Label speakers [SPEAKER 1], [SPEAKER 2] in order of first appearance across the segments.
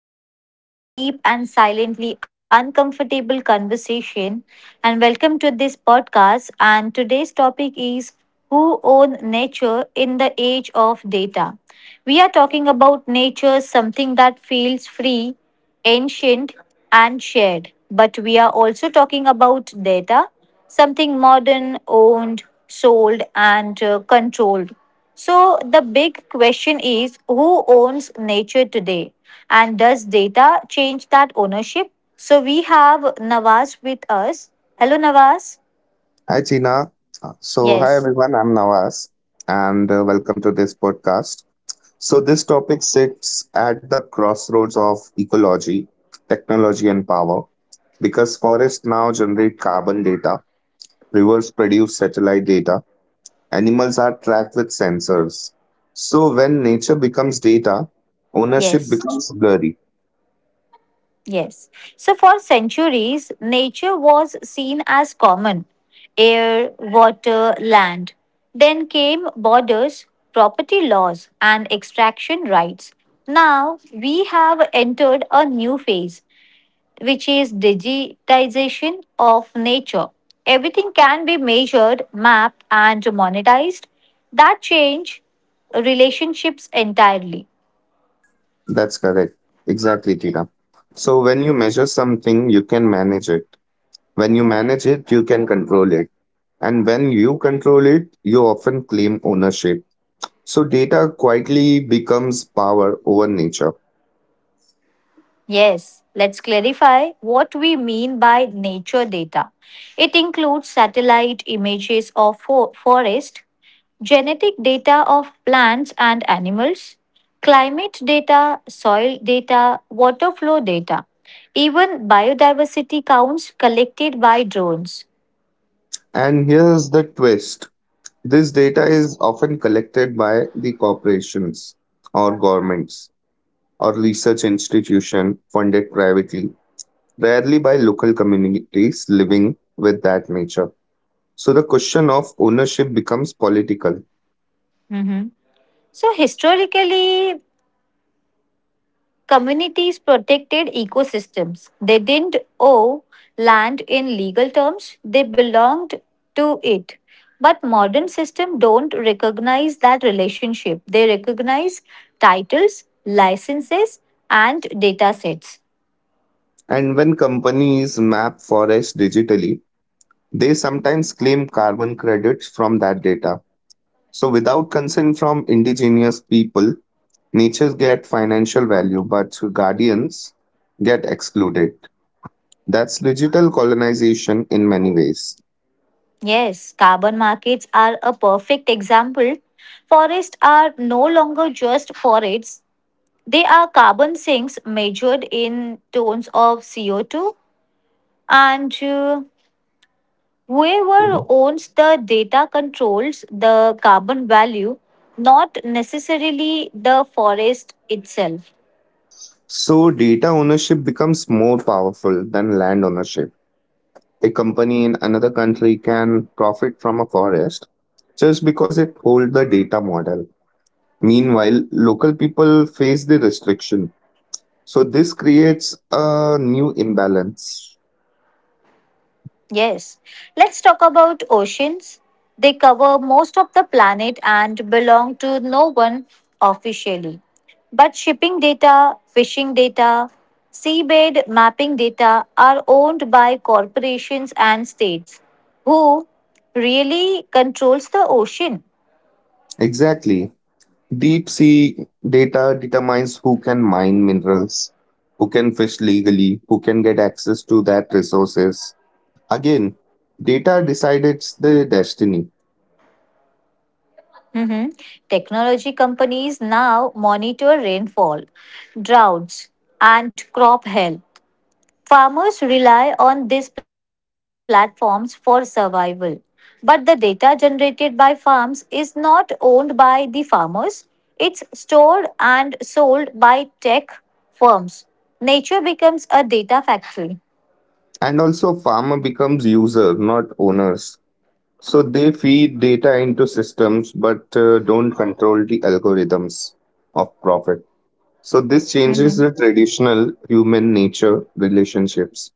[SPEAKER 1] to today's deep and silently uncomfortable conversation. And welcome to this podcast. And today's topic is who own nature in the age of data? We are talking about nature, something that feels free, ancient, and shared. But we are also talking about data, something modern, owned, sold, and controlled. So the big question is, who owns nature today? And does data change that ownership? So we have Nawaz with us. Hello, Nawaz.
[SPEAKER 2] Hi, Tina. So, hi
[SPEAKER 1] Yes,
[SPEAKER 2] everyone, I'm Nawaz, and welcome to this podcast. So, this topic sits at the crossroads of ecology, technology, and power because forests now generate carbon data, rivers produce satellite data, animals are tracked with sensors. So, when nature becomes data, ownership
[SPEAKER 1] yes.
[SPEAKER 2] becomes blurry.
[SPEAKER 1] Yes. So for centuries, nature was seen as common air, water, land. Then came borders, property laws, and extraction rights. Now we have entered a new phase, which is digitization of nature. Everything can be measured, mapped, and monetized. That change relationships entirely.
[SPEAKER 2] That's correct. Exactly, Tina. So, when you measure something, you can manage it. When you manage it, you can control it. And when you control it, you often claim ownership. So data quietly becomes power over nature.
[SPEAKER 1] Yes, let's clarify what we mean by nature data. It includes satellite images of forest, genetic data of plants and animals, climate data, soil data, water flow data, even biodiversity counts collected by drones.
[SPEAKER 2] And here's the twist. This data is often collected by the corporations or governments or research institution funded privately, rarely by local communities living with that nature. So the question of ownership becomes political.
[SPEAKER 1] Mhm. So, historically, communities protected ecosystems. They didn't owe land in legal terms, they belonged to it. But modern systems don't recognize that relationship. They recognize titles, licenses, and data sets.
[SPEAKER 2] And when companies map forests digitally, they sometimes claim carbon credits from that data. So, without consent from indigenous people, natures get financial value, but guardians get excluded. That's digital colonization in many ways.
[SPEAKER 1] Yes, carbon markets are a perfect example. Forests are no longer just forests, they are carbon sinks measured in tons of CO2, and whoever owns the data controls the carbon value, not necessarily the forest itself.
[SPEAKER 2] So, data ownership becomes more powerful than land ownership. A company in another country can profit from a forest just because it holds the data model. Meanwhile, local people face the restriction. So this creates a new imbalance.
[SPEAKER 1] Yes. Let's talk about oceans. They cover most of the planet and belong to no one officially. But shipping data, fishing data, seabed mapping data are owned by corporations and states. Who really controls the ocean?
[SPEAKER 2] Exactly. Deep sea data determines who can mine minerals, who can fish legally, who can get access to that resources. Again, data decides the destiny.
[SPEAKER 1] Mhm. Technology companies now monitor rainfall, droughts, and crop health. Farmers rely on these platforms for survival. But the data generated by farms is not owned by the farmers, it's stored and sold by tech firms. Nature becomes a data factory.
[SPEAKER 2] And also farmer becomes user, not owners. So they feed data into systems but don't control the algorithms of profit. So this changes the traditional human nature relationships.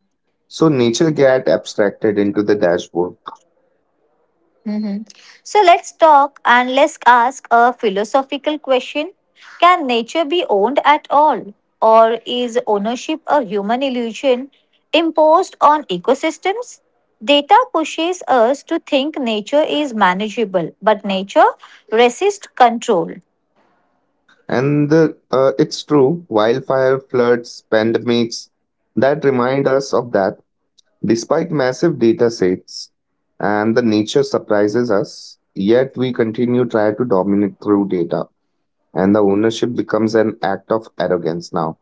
[SPEAKER 2] So nature get abstracted into the dashboard,
[SPEAKER 1] Mhm. So let's talk and let's ask a philosophical question. Can nature be owned at all? Or is ownership a human illusion imposed on ecosystems? Data pushes us to think nature is manageable, but nature resists control.
[SPEAKER 2] and it's true. Wildfire, floods, pandemics that remind us of that. Despite massive data sets, and the nature surprises us, yet we continue try to dominate through data, and the ownership becomes an act of arrogance now.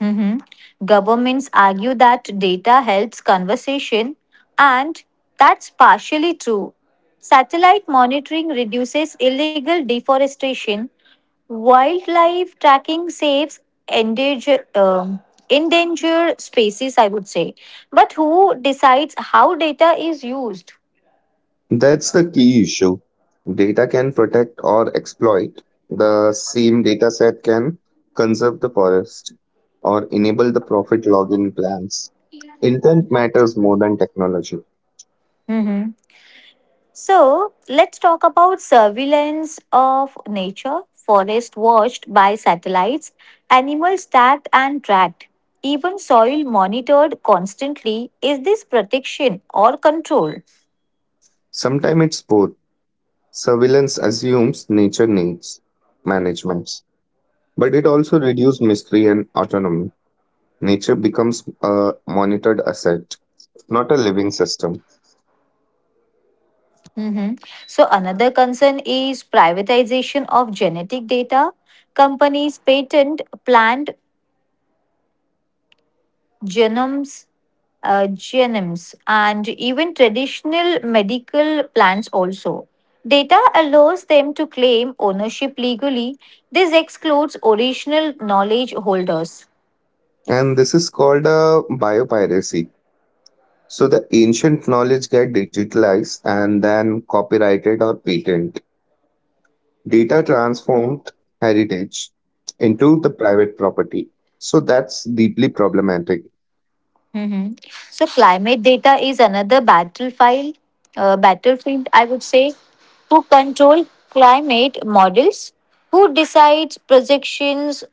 [SPEAKER 1] Mhm. Governments argue that data helps conversation, and that's partially true. Satellite monitoring reduces illegal deforestation. Wildlife tracking saves endanger, um, endangered species, I would say. But who decides how data is used?
[SPEAKER 2] That's the key issue. Data can protect or exploit. The same dataset can conserve the forest or enable the profit login plans. Intent matters more than technology.
[SPEAKER 1] Hmm. So let's talk about surveillance of nature, forest watched by satellites, animals tagged and tracked, even soil monitored constantly. Is this protection or control?
[SPEAKER 2] Sometimes it's both. Surveillance assumes nature needs management, but it also reduces mystery and autonomy. Nature becomes a monitored asset, not a living system.
[SPEAKER 1] Mhm. So another concern is privatization of genetic data. Companies patent plant genomes, and even traditional medical plants also. Data allows them to claim ownership legally. This excludes original knowledge holders.
[SPEAKER 2] And this is called a biopiracy. So the ancient knowledge get digitalized and then copyrighted or patent. Data transformed heritage into the private property. So that's deeply problematic.
[SPEAKER 1] Hmm. So climate data is another battlefield, I would say. Who control climate models? Who decides projections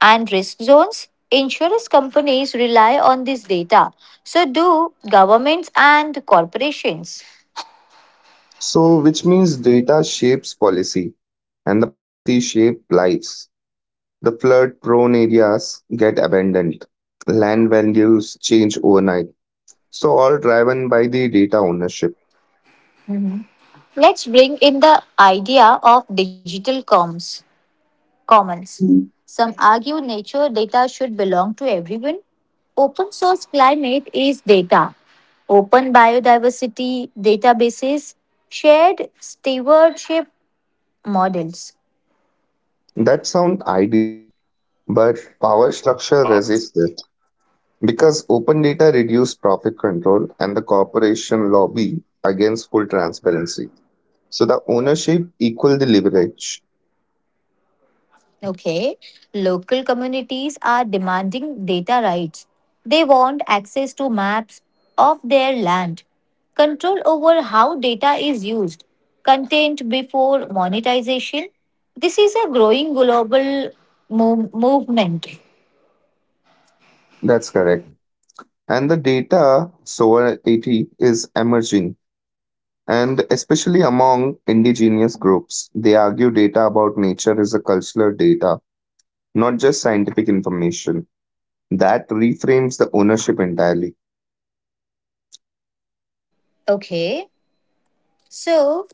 [SPEAKER 1] and risk zones? Insurance companies rely on this data. So do governments and corporations.
[SPEAKER 2] So which means data shapes policy and the policy shape lives. The flood prone areas get abandoned. Land values change overnight. So all driven by the data ownership.
[SPEAKER 1] Let's bring in the idea of digital comms. Commons. Some argue nature data should belong to everyone. Open source climate is data. Open biodiversity databases, shared stewardship models.
[SPEAKER 2] That sounds ideal, but power structure resists it. Because open data reduce profit control and the corporation lobby against full transparency. So the ownership equal the leverage.
[SPEAKER 1] Okay. Local communities are demanding data rights. They want access to maps of their land, control over how data is used, content before monetization. This is a growing global movement.
[SPEAKER 2] That's correct. And the data sovereignty is emerging. And especially among indigenous groups, they argue data about nature is a cultural data, not just scientific information. That reframes the ownership entirely.
[SPEAKER 1] Okay. So,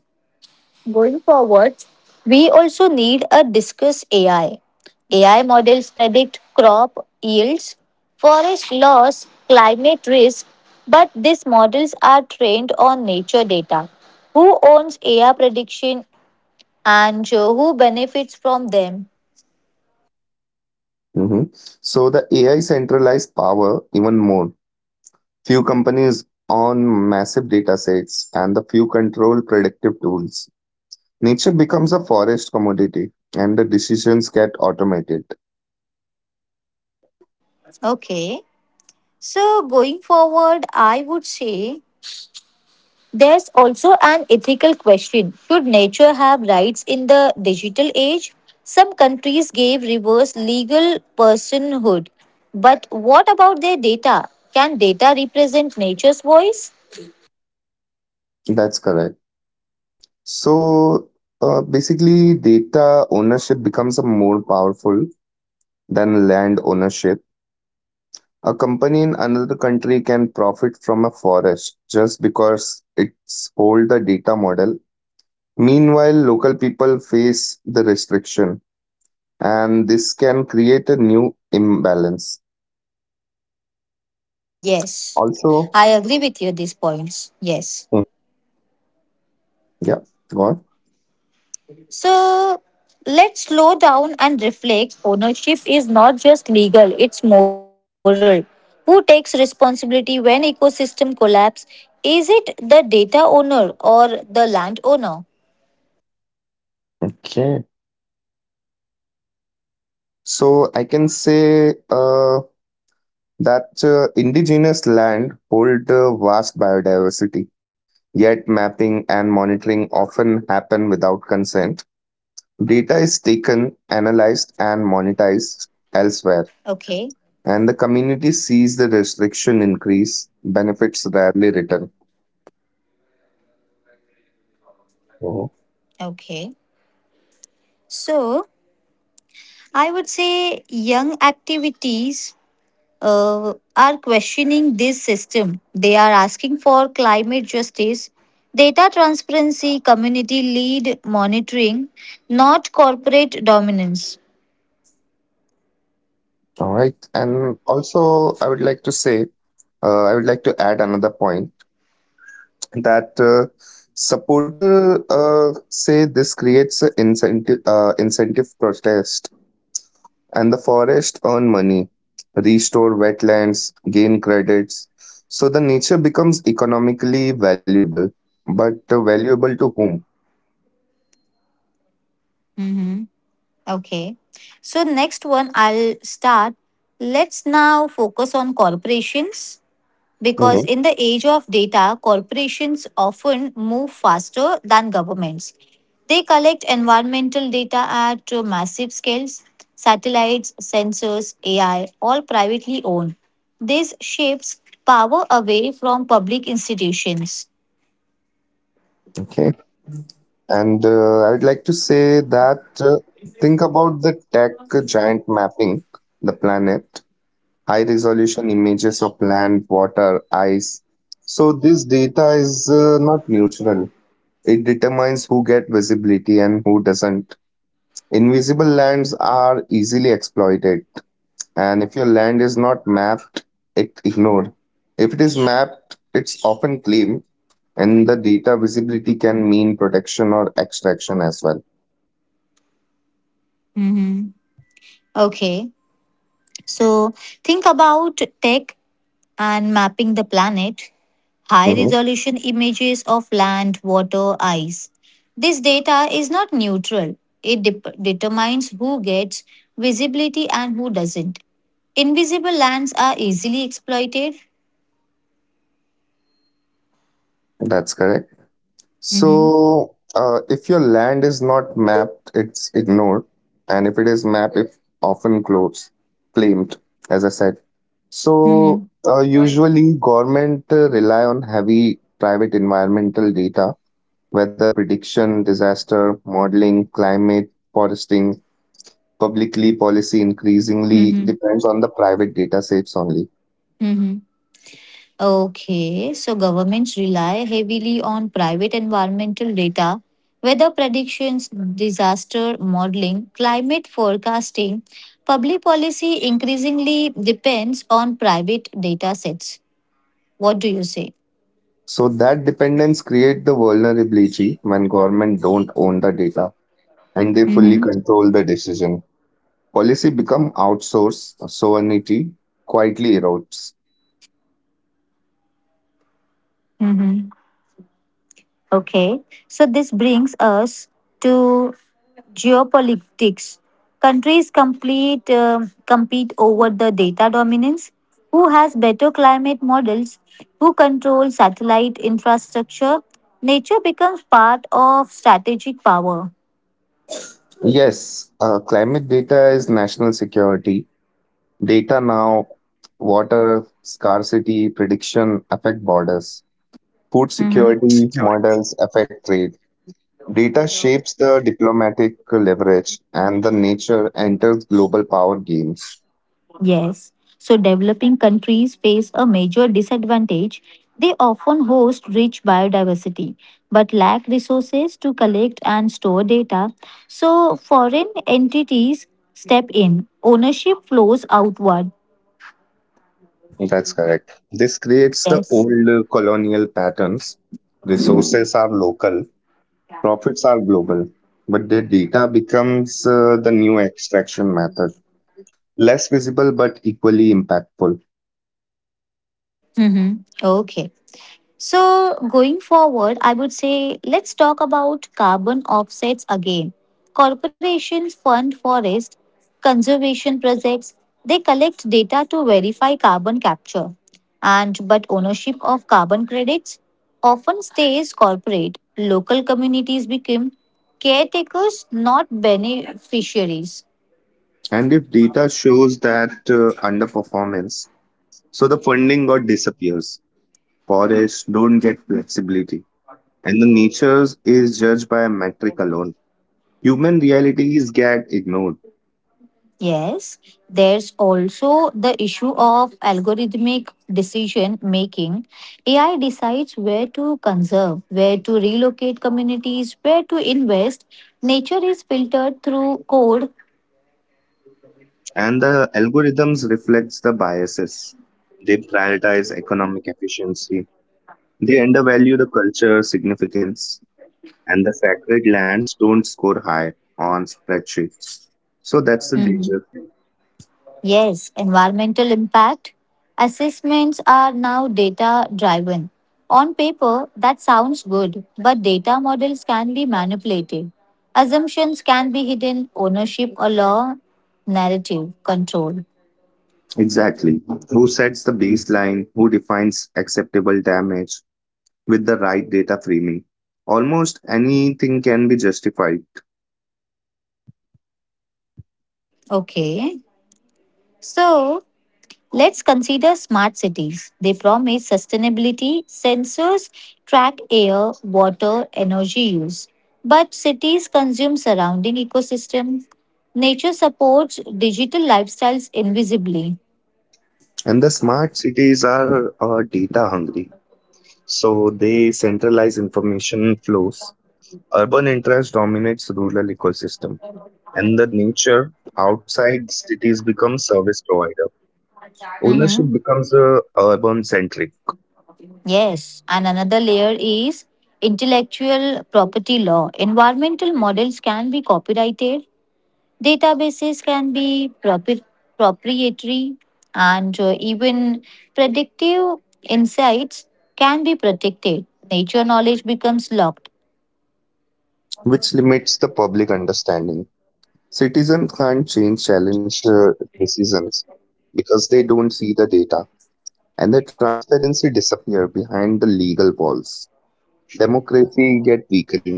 [SPEAKER 1] going forward, we also need a discuss AI. AI models predict crop yields, forest loss, climate risk, but these models are trained on nature data. Who owns AI prediction, and who benefits from them?
[SPEAKER 2] Mhm. So the AI centralized power even more. Few companies own massive datasets and the few control predictive tools. Nature becomes a forest commodity and the decisions get automated.
[SPEAKER 1] Okay. So going forward, I would say there's also an ethical question. Should nature have rights in the digital age? Some countries gave reverse legal personhood. But what about their data? Can data represent nature's voice?
[SPEAKER 2] That's correct. So basically, data ownership becomes a more powerful than land ownership. A company in another country can profit from a forest just because it's hold the data model. Meanwhile, local people face the restriction and this can create a new imbalance.
[SPEAKER 1] Yes.
[SPEAKER 2] Also,
[SPEAKER 1] I agree with you at these points. Yes.
[SPEAKER 2] hmm. Yeah, go on.
[SPEAKER 1] So let's slow down and reflect. Ownership is not just legal, it's moral. Who takes responsibility when ecosystem collapse? Is it the data owner or the landowner?
[SPEAKER 2] Okay. So I can say that indigenous land hold vast biodiversity, yet mapping and monitoring often happen without consent. Data is taken, analyzed, and monetized elsewhere,
[SPEAKER 1] Okay,
[SPEAKER 2] and the community sees the restriction increase, benefits rarely return.
[SPEAKER 1] okay. So I would say young activities are questioning this system. They are asking for climate justice, data transparency, community lead monitoring, not corporate dominance.
[SPEAKER 2] All right. And also, I would like to say, I would like to add another point that supporter say this creates an incentive protest, and the forest earn money, restore wetlands, gain credits, so the nature becomes economically valuable. But valuable to whom?
[SPEAKER 1] Mm-hmm. Okay. So next one I'll start. Let's now focus on corporations because
[SPEAKER 2] Hmm.
[SPEAKER 1] in the age of data, corporations often move faster than governments. They collect environmental data at massive scales. Satellites, sensors, AI, all privately owned. This shifts power away from public institutions.
[SPEAKER 2] Okay. And I would like to say that think about the tech giant mapping the planet, high resolution images of land, water, ice. So this data is not neutral. It determines who get visibility and who doesn't. Invisible lands are easily exploited, and if your land is not mapped, it ignored. If it is mapped, it's often claimed, and the data visibility can mean protection or extraction as well.
[SPEAKER 1] Mm-hmm. Okay. So think about tech and mapping the planet, high
[SPEAKER 2] Mhm.
[SPEAKER 1] resolution images of land, water, ice. This data is not neutral, it dep determines who gets visibility and who doesn't. Invisible lands are easily exploited.
[SPEAKER 2] That's correct.
[SPEAKER 1] Hmm.
[SPEAKER 2] So, if your land is not mapped, it's ignored, and if it is mapped, it often close, claimed, as I said. So,
[SPEAKER 1] Hmm.
[SPEAKER 2] usually government rely on heavy private environmental data, weather prediction, disaster modeling, climate foresting. Publicly policy increasingly depends on the private data sets only.
[SPEAKER 1] Hmm. Okay, so governments rely heavily on private environmental data, weather predictions, disaster modeling, climate forecasting. Public policy increasingly depends on private data sets. What do you say?
[SPEAKER 2] So that dependence create the vulnerability when government don't own the data and they fully
[SPEAKER 1] Mm-hmm.
[SPEAKER 2] control the decision. Policy become outsourced, sovereignty quietly erodes.
[SPEAKER 1] Mm-hmm. Okay, so this brings us to geopolitics. Countries compete over the data dominance. Who has better climate models? Who controls satellite infrastructure? Nature becomes part of strategic power.
[SPEAKER 2] Yes, climate data is national security. Data now, water scarcity prediction affect borders. Food
[SPEAKER 1] Mhm.
[SPEAKER 2] security models affect trade. Data shapes the diplomatic leverage and the nature enters global power games.
[SPEAKER 1] Yes, so developing countries face a major disadvantage. They often host rich biodiversity but lack resources to collect and store data. So, foreign entities step in, ownership flows outward.
[SPEAKER 2] That's correct. This creates the
[SPEAKER 1] Yes.
[SPEAKER 2] old colonial patterns. Resources are local. Profits are global, but their data becomes the new extraction method. Less visible but equally impactful.
[SPEAKER 1] Mm-hmm. Okay. So, going forward, I would say let's talk about carbon offsets again. Corporations fund forest conservation projects. They collect data to verify carbon capture. And but ownership of carbon credits often stays corporate. Local communities become caretakers, not beneficiaries.
[SPEAKER 2] And if data shows that underperformance, so the funding got disappears. Forests don't get flexibility. And the nature is judged by a metric alone. Human realities get ignored.
[SPEAKER 1] Yes, there's also the issue of algorithmic decision making. AI decides where to conserve, where to relocate communities, where to invest. Nature is filtered through code.
[SPEAKER 2] And the algorithms reflects the biases. They prioritize economic efficiency. They undervalue the culture significance and the sacred lands don't score high on spreadsheets. So that's the
[SPEAKER 1] Mhm.
[SPEAKER 2] danger.
[SPEAKER 1] Yes, environmental impact assessments are now data driven. On paper, that sounds good, but data models can be manipulated. Assumptions can be hidden, ownership, or law narrative control.
[SPEAKER 2] Exactly. Who sets the baseline? Who defines acceptable damage with the right data framing? Almost anything can be justified.
[SPEAKER 1] Okay, so let's consider smart cities. They promise sustainability, sensors track air, water, energy use. But cities consume surrounding ecosystems. Nature supports digital lifestyles invisibly.
[SPEAKER 2] And the smart cities are data hungry. So they centralize information flows. Urban interest dominates rural ecosystem. And the nature outside cities becomes service provider. Ownership
[SPEAKER 1] Mhm.
[SPEAKER 2] becomes urban centric,
[SPEAKER 1] Yes, and another layer is intellectual property law. Environmental models can be copyrighted, databases can be proprietary, and even predictive insights can be protected. Nature knowledge becomes locked.
[SPEAKER 2] which limits the public understanding. Citizens can't change challenge decisions because they don't see the data, and the transparency disappear behind the legal walls. Democracy get weakened.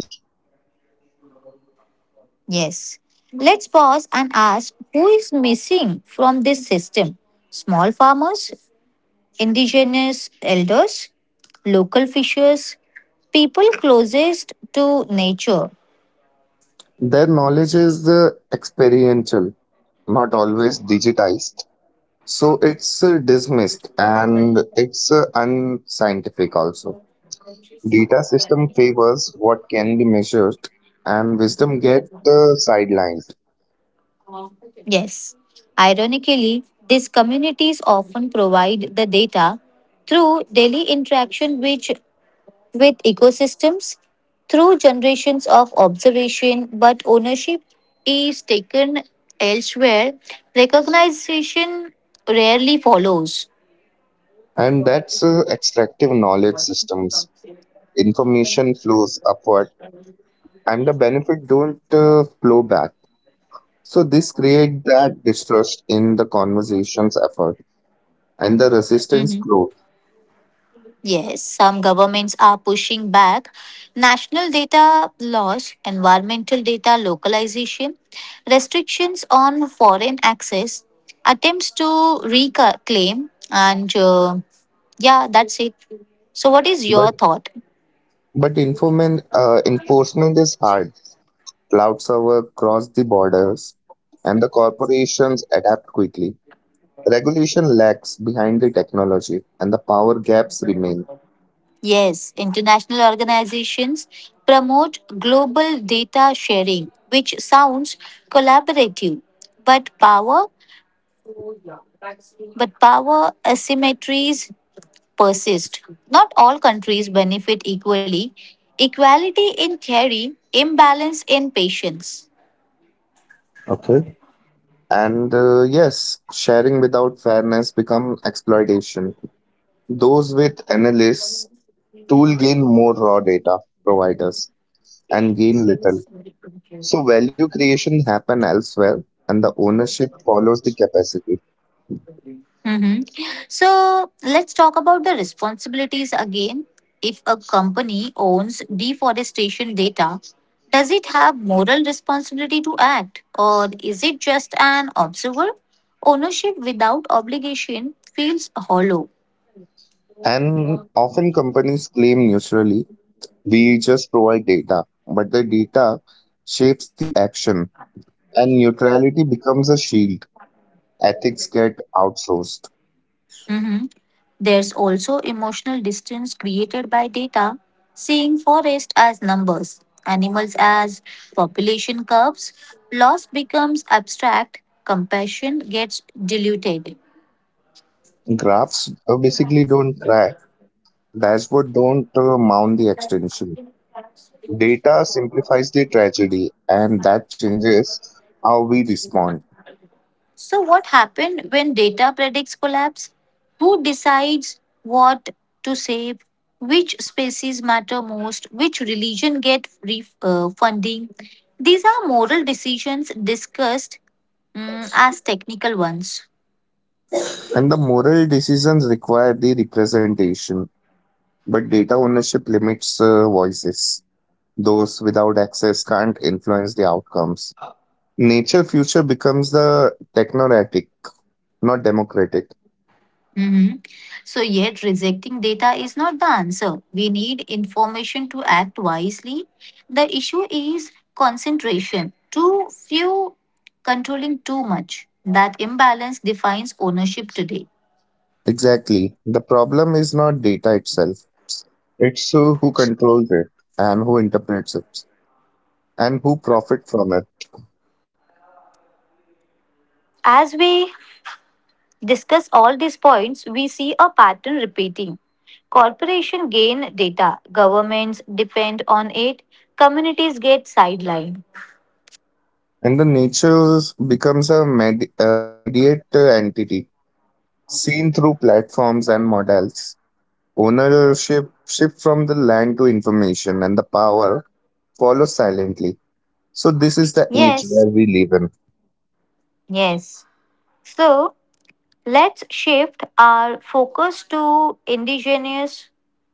[SPEAKER 1] Yes. Let's pause and ask, who is missing from this system? Small farmers, indigenous elders, local fishers, people closest to nature.
[SPEAKER 2] Their knowledge is experiential, not always digitized. So it's dismissed and it's unscientific also. Data system favors what can be measured, and wisdom get sidelined.
[SPEAKER 1] Yes. Ironically, these communities often provide the data through daily interaction which, with ecosystems, through generations of observation, but ownership is taken elsewhere. Recognition rarely follows.
[SPEAKER 2] And that's extractive knowledge systems. Information flows upward, and the benefit don't flow back. So this create that distrust in the conversation's effort, and the resistance
[SPEAKER 1] Mm-hmm.
[SPEAKER 2] grow.
[SPEAKER 1] Yes, some governments are pushing back national data loss, environmental data localization, restrictions on foreign access, attempts to reclaim, and yeah, that's it. So, what is
[SPEAKER 2] But
[SPEAKER 1] your thought?
[SPEAKER 2] but enforcement is hard. Cloud server cross the borders, and the corporations adapt quickly. Regulation lags behind the technology, and the power gaps remain.
[SPEAKER 1] Yes, international organizations promote global data sharing, which sounds collaborative, but power asymmetries persist. Not all countries benefit equally. Equality in theory, imbalance in patience.
[SPEAKER 2] Okay. And yes, sharing without fairness become exploitation. Those with analysts tool gain more raw data providers and gain little. So value creation happen elsewhere and the ownership follows the capacity.
[SPEAKER 1] Mhm. So let's talk about the responsibilities again. If a company owns deforestation data, does it have moral responsibility to act, or is it just an observer? Ownership without obligation feels hollow.
[SPEAKER 2] And often companies claim neutrally, we just provide data, but the data shapes the action and neutrality becomes a shield. Ethics get outsourced.
[SPEAKER 1] Mhm. There's also emotional distance created by data, seeing forest as numbers, animals as population curves, loss becomes abstract, compassion gets diluted.
[SPEAKER 2] Graphs basically don't cry. Dashboard don't mount the extension. Data simplifies the tragedy, and that changes how we respond.
[SPEAKER 1] So what happened when data predicts collapse? Who decides what to save? Which species matter most? Which religion get funding? These are moral decisions discussed as technical ones.
[SPEAKER 2] And the moral decisions require the representation, but data ownership limits voices. Those without access can't influence the outcomes. Nature future becomes the technocratic, not democratic.
[SPEAKER 1] Mhm. So, yet rejecting data is not the answer. We need information to act wisely. The issue is concentration too few, controlling too much. That imbalance defines ownership today.
[SPEAKER 2] Exactly. The problem is not data itself. It's who controls it and who interprets it and who profit from it.
[SPEAKER 1] As we discuss all these points, we see a pattern repeating. Corporations gain data, governments depend on it, communities get sidelined.
[SPEAKER 2] And the nature becomes a mediate entity seen through platforms and models. Ownership shift from the land to information and the power follows silently. So this is the age
[SPEAKER 1] Yes,
[SPEAKER 2] where we live in.
[SPEAKER 1] yes. So, let's shift our focus to indigenous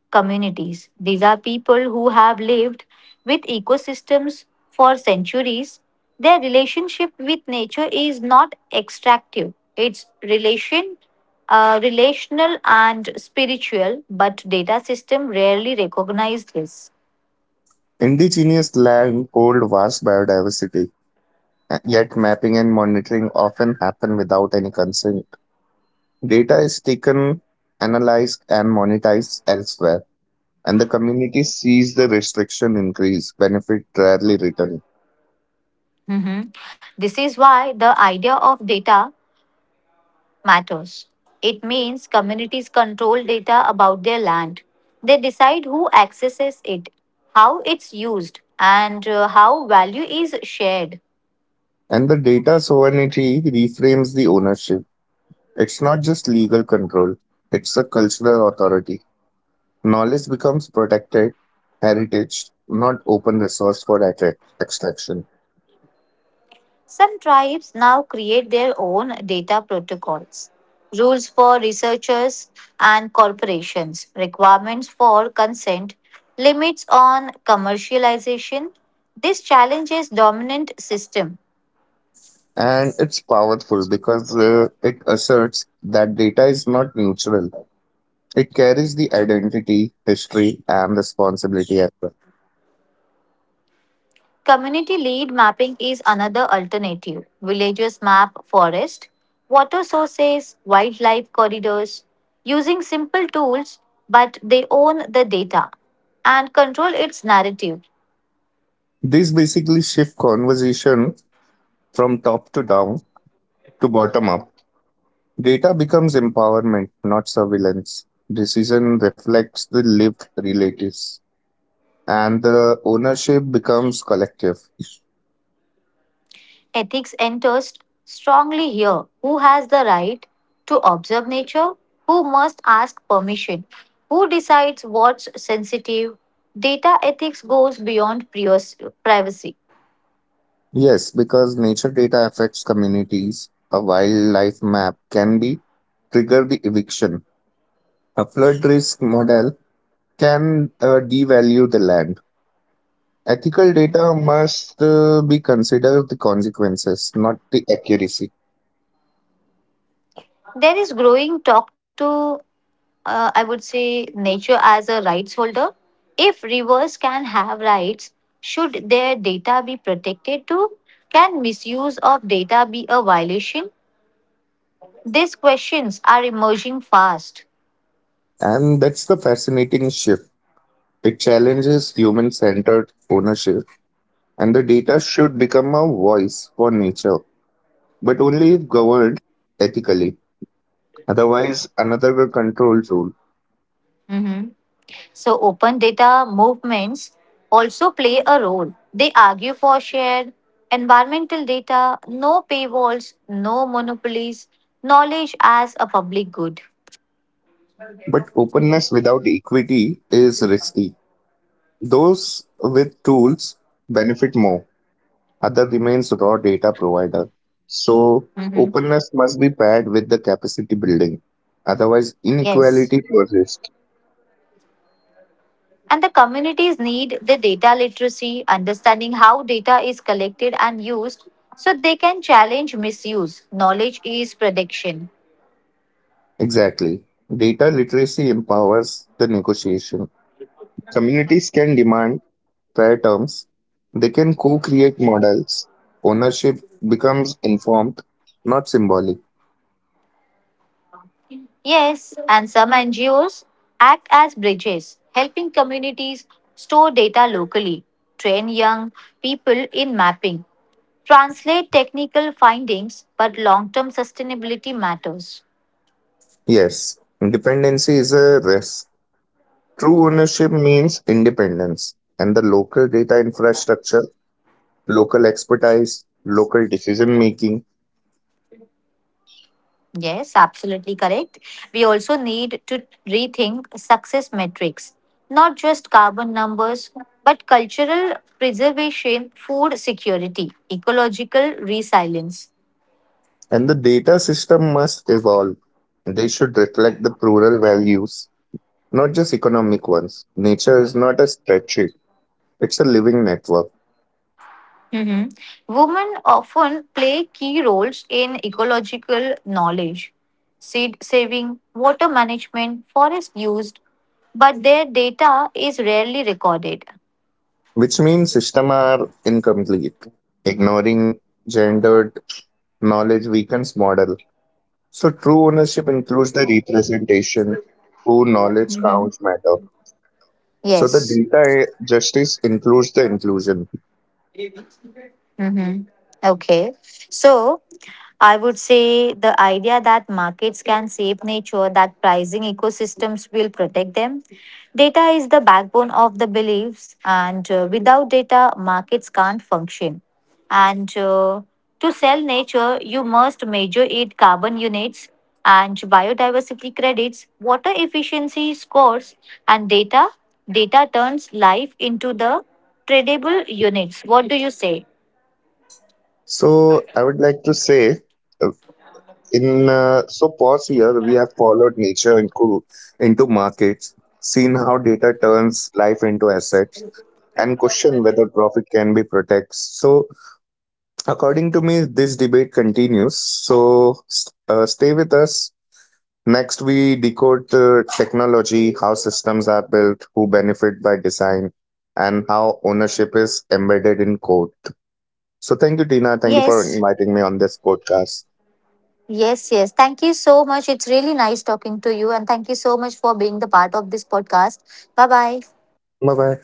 [SPEAKER 1] communities. These are people who have lived with ecosystems for centuries. Their relationship with nature is not extractive, it's relational and spiritual, but data system rarely recognize this.
[SPEAKER 2] Indigenous land hold vast biodiversity, yet mapping and monitoring often happen without any consent. Data is taken, analyzed, and monetized elsewhere, and the community sees the restriction increase, benefit rarely return.
[SPEAKER 1] Mhm. This is why the idea of data matters. It means communities control data about their land. They decide who accesses it, how it's used, and how value is shared.
[SPEAKER 2] And the data sovereignty reframes the ownership. It's not just legal control, it's a cultural authority. Knowledge becomes protected heritage, not open resource for extraction.
[SPEAKER 1] Some tribes now create their own data protocols, rules for researchers and corporations, requirements for consent, limits on commercialization. This challenges dominant system.
[SPEAKER 2] And it's powerful because it asserts that data is not neutral. It carries the identity, history, and responsibility as well.
[SPEAKER 1] Community lead mapping is another alternative. Villagers map forest, water sources, wildlife corridors using simple tools, but they own the data and control its narrative.
[SPEAKER 2] This basically shift conversation from top to down to bottom up. Data becomes empowerment, not surveillance. Decision reflects the lived realities, and the ownership becomes collective.
[SPEAKER 1] Ethics enters strongly here. Who has the right to observe nature? Who must ask permission? Who decides what's sensitive? Data ethics goes beyond privacy.
[SPEAKER 2] Yes, because nature data affects communities, a wildlife map can be trigger the eviction. A flood risk model can devalue the land. Ethical data must be considered the consequences, not the accuracy.
[SPEAKER 1] There is growing talk to I would say nature as a rights holder. If rivers can have rights, should their data be protected too? Can misuse of data be a violation? These questions are emerging fast.
[SPEAKER 2] And that's the fascinating shift. It challenges human centered ownership, and the data should become a voice for nature, but only if governed ethically. Otherwise, another control tool.
[SPEAKER 1] Mhm. So, open data movements also play a role. They argue for shared environmental data, no paywalls, no monopolies, knowledge as a public good.
[SPEAKER 2] But openness without equity is risky. Those with tools benefit more. Other remains raw data provider. So
[SPEAKER 1] Mhm.
[SPEAKER 2] openness must be paired with the capacity building. Otherwise,
[SPEAKER 1] Yes.
[SPEAKER 2] inequality persists.
[SPEAKER 1] And the communities need the data literacy, understanding how data is collected and used so they can challenge misuse. Knowledge is protection.
[SPEAKER 2] Exactly. Data literacy empowers the negotiation. Communities can demand fair terms. They can co-create models. Ownership becomes informed, not symbolic.
[SPEAKER 1] Yes, and some NGOs act as bridges, helping communities store data locally, train young people in mapping, translate technical findings, but long term sustainability matters.
[SPEAKER 2] Yes, dependency is a risk. True ownership means independence, and the local data infrastructure, local expertise, local decision making,
[SPEAKER 1] Yes, absolutely correct. We also need to rethink success metrics, not just carbon numbers, but cultural preservation, food security, ecological resilience.
[SPEAKER 2] and the data system must evolve. They should reflect the plural values, not just economic ones. Nature is not a spreadsheet, it's a living network,
[SPEAKER 1] Mhm. Women often play key roles in ecological knowledge, seed saving, water management, forest use, but their data is rarely recorded.
[SPEAKER 2] which means systems are incomplete. Ignoring gendered knowledge weakens model. So true ownership includes the representation, true knowledge
[SPEAKER 1] Mhm.
[SPEAKER 2] counts matter. So the
[SPEAKER 1] Yes.
[SPEAKER 2] data justice includes the inclusion.
[SPEAKER 1] Hmm. Okay. So I would say the idea that markets can save nature, that pricing ecosystems will protect them. Data is the backbone of the beliefs, and without data, markets can't function. And To sell nature, you must measure it, carbon units and biodiversity credits, water efficiency scores, and data. Data turns life into the tradable units. What do you say?
[SPEAKER 2] So I would like to say, In so pause here, we have followed nature into markets, seen how data turns life into assets, and question whether profit can be protected. So, according to me, this debate continues. So, stay with us. Next, we decode the technology, how systems are built, who benefit by design, and how ownership is embedded in code. So, thank you, Tina. Thank you for
[SPEAKER 1] Yes,
[SPEAKER 2] inviting me on this podcast.
[SPEAKER 1] yes, yes. Thank you so much. It's really nice talking to you. And thank you so much for being the part of this podcast. Bye bye.
[SPEAKER 2] Bye bye.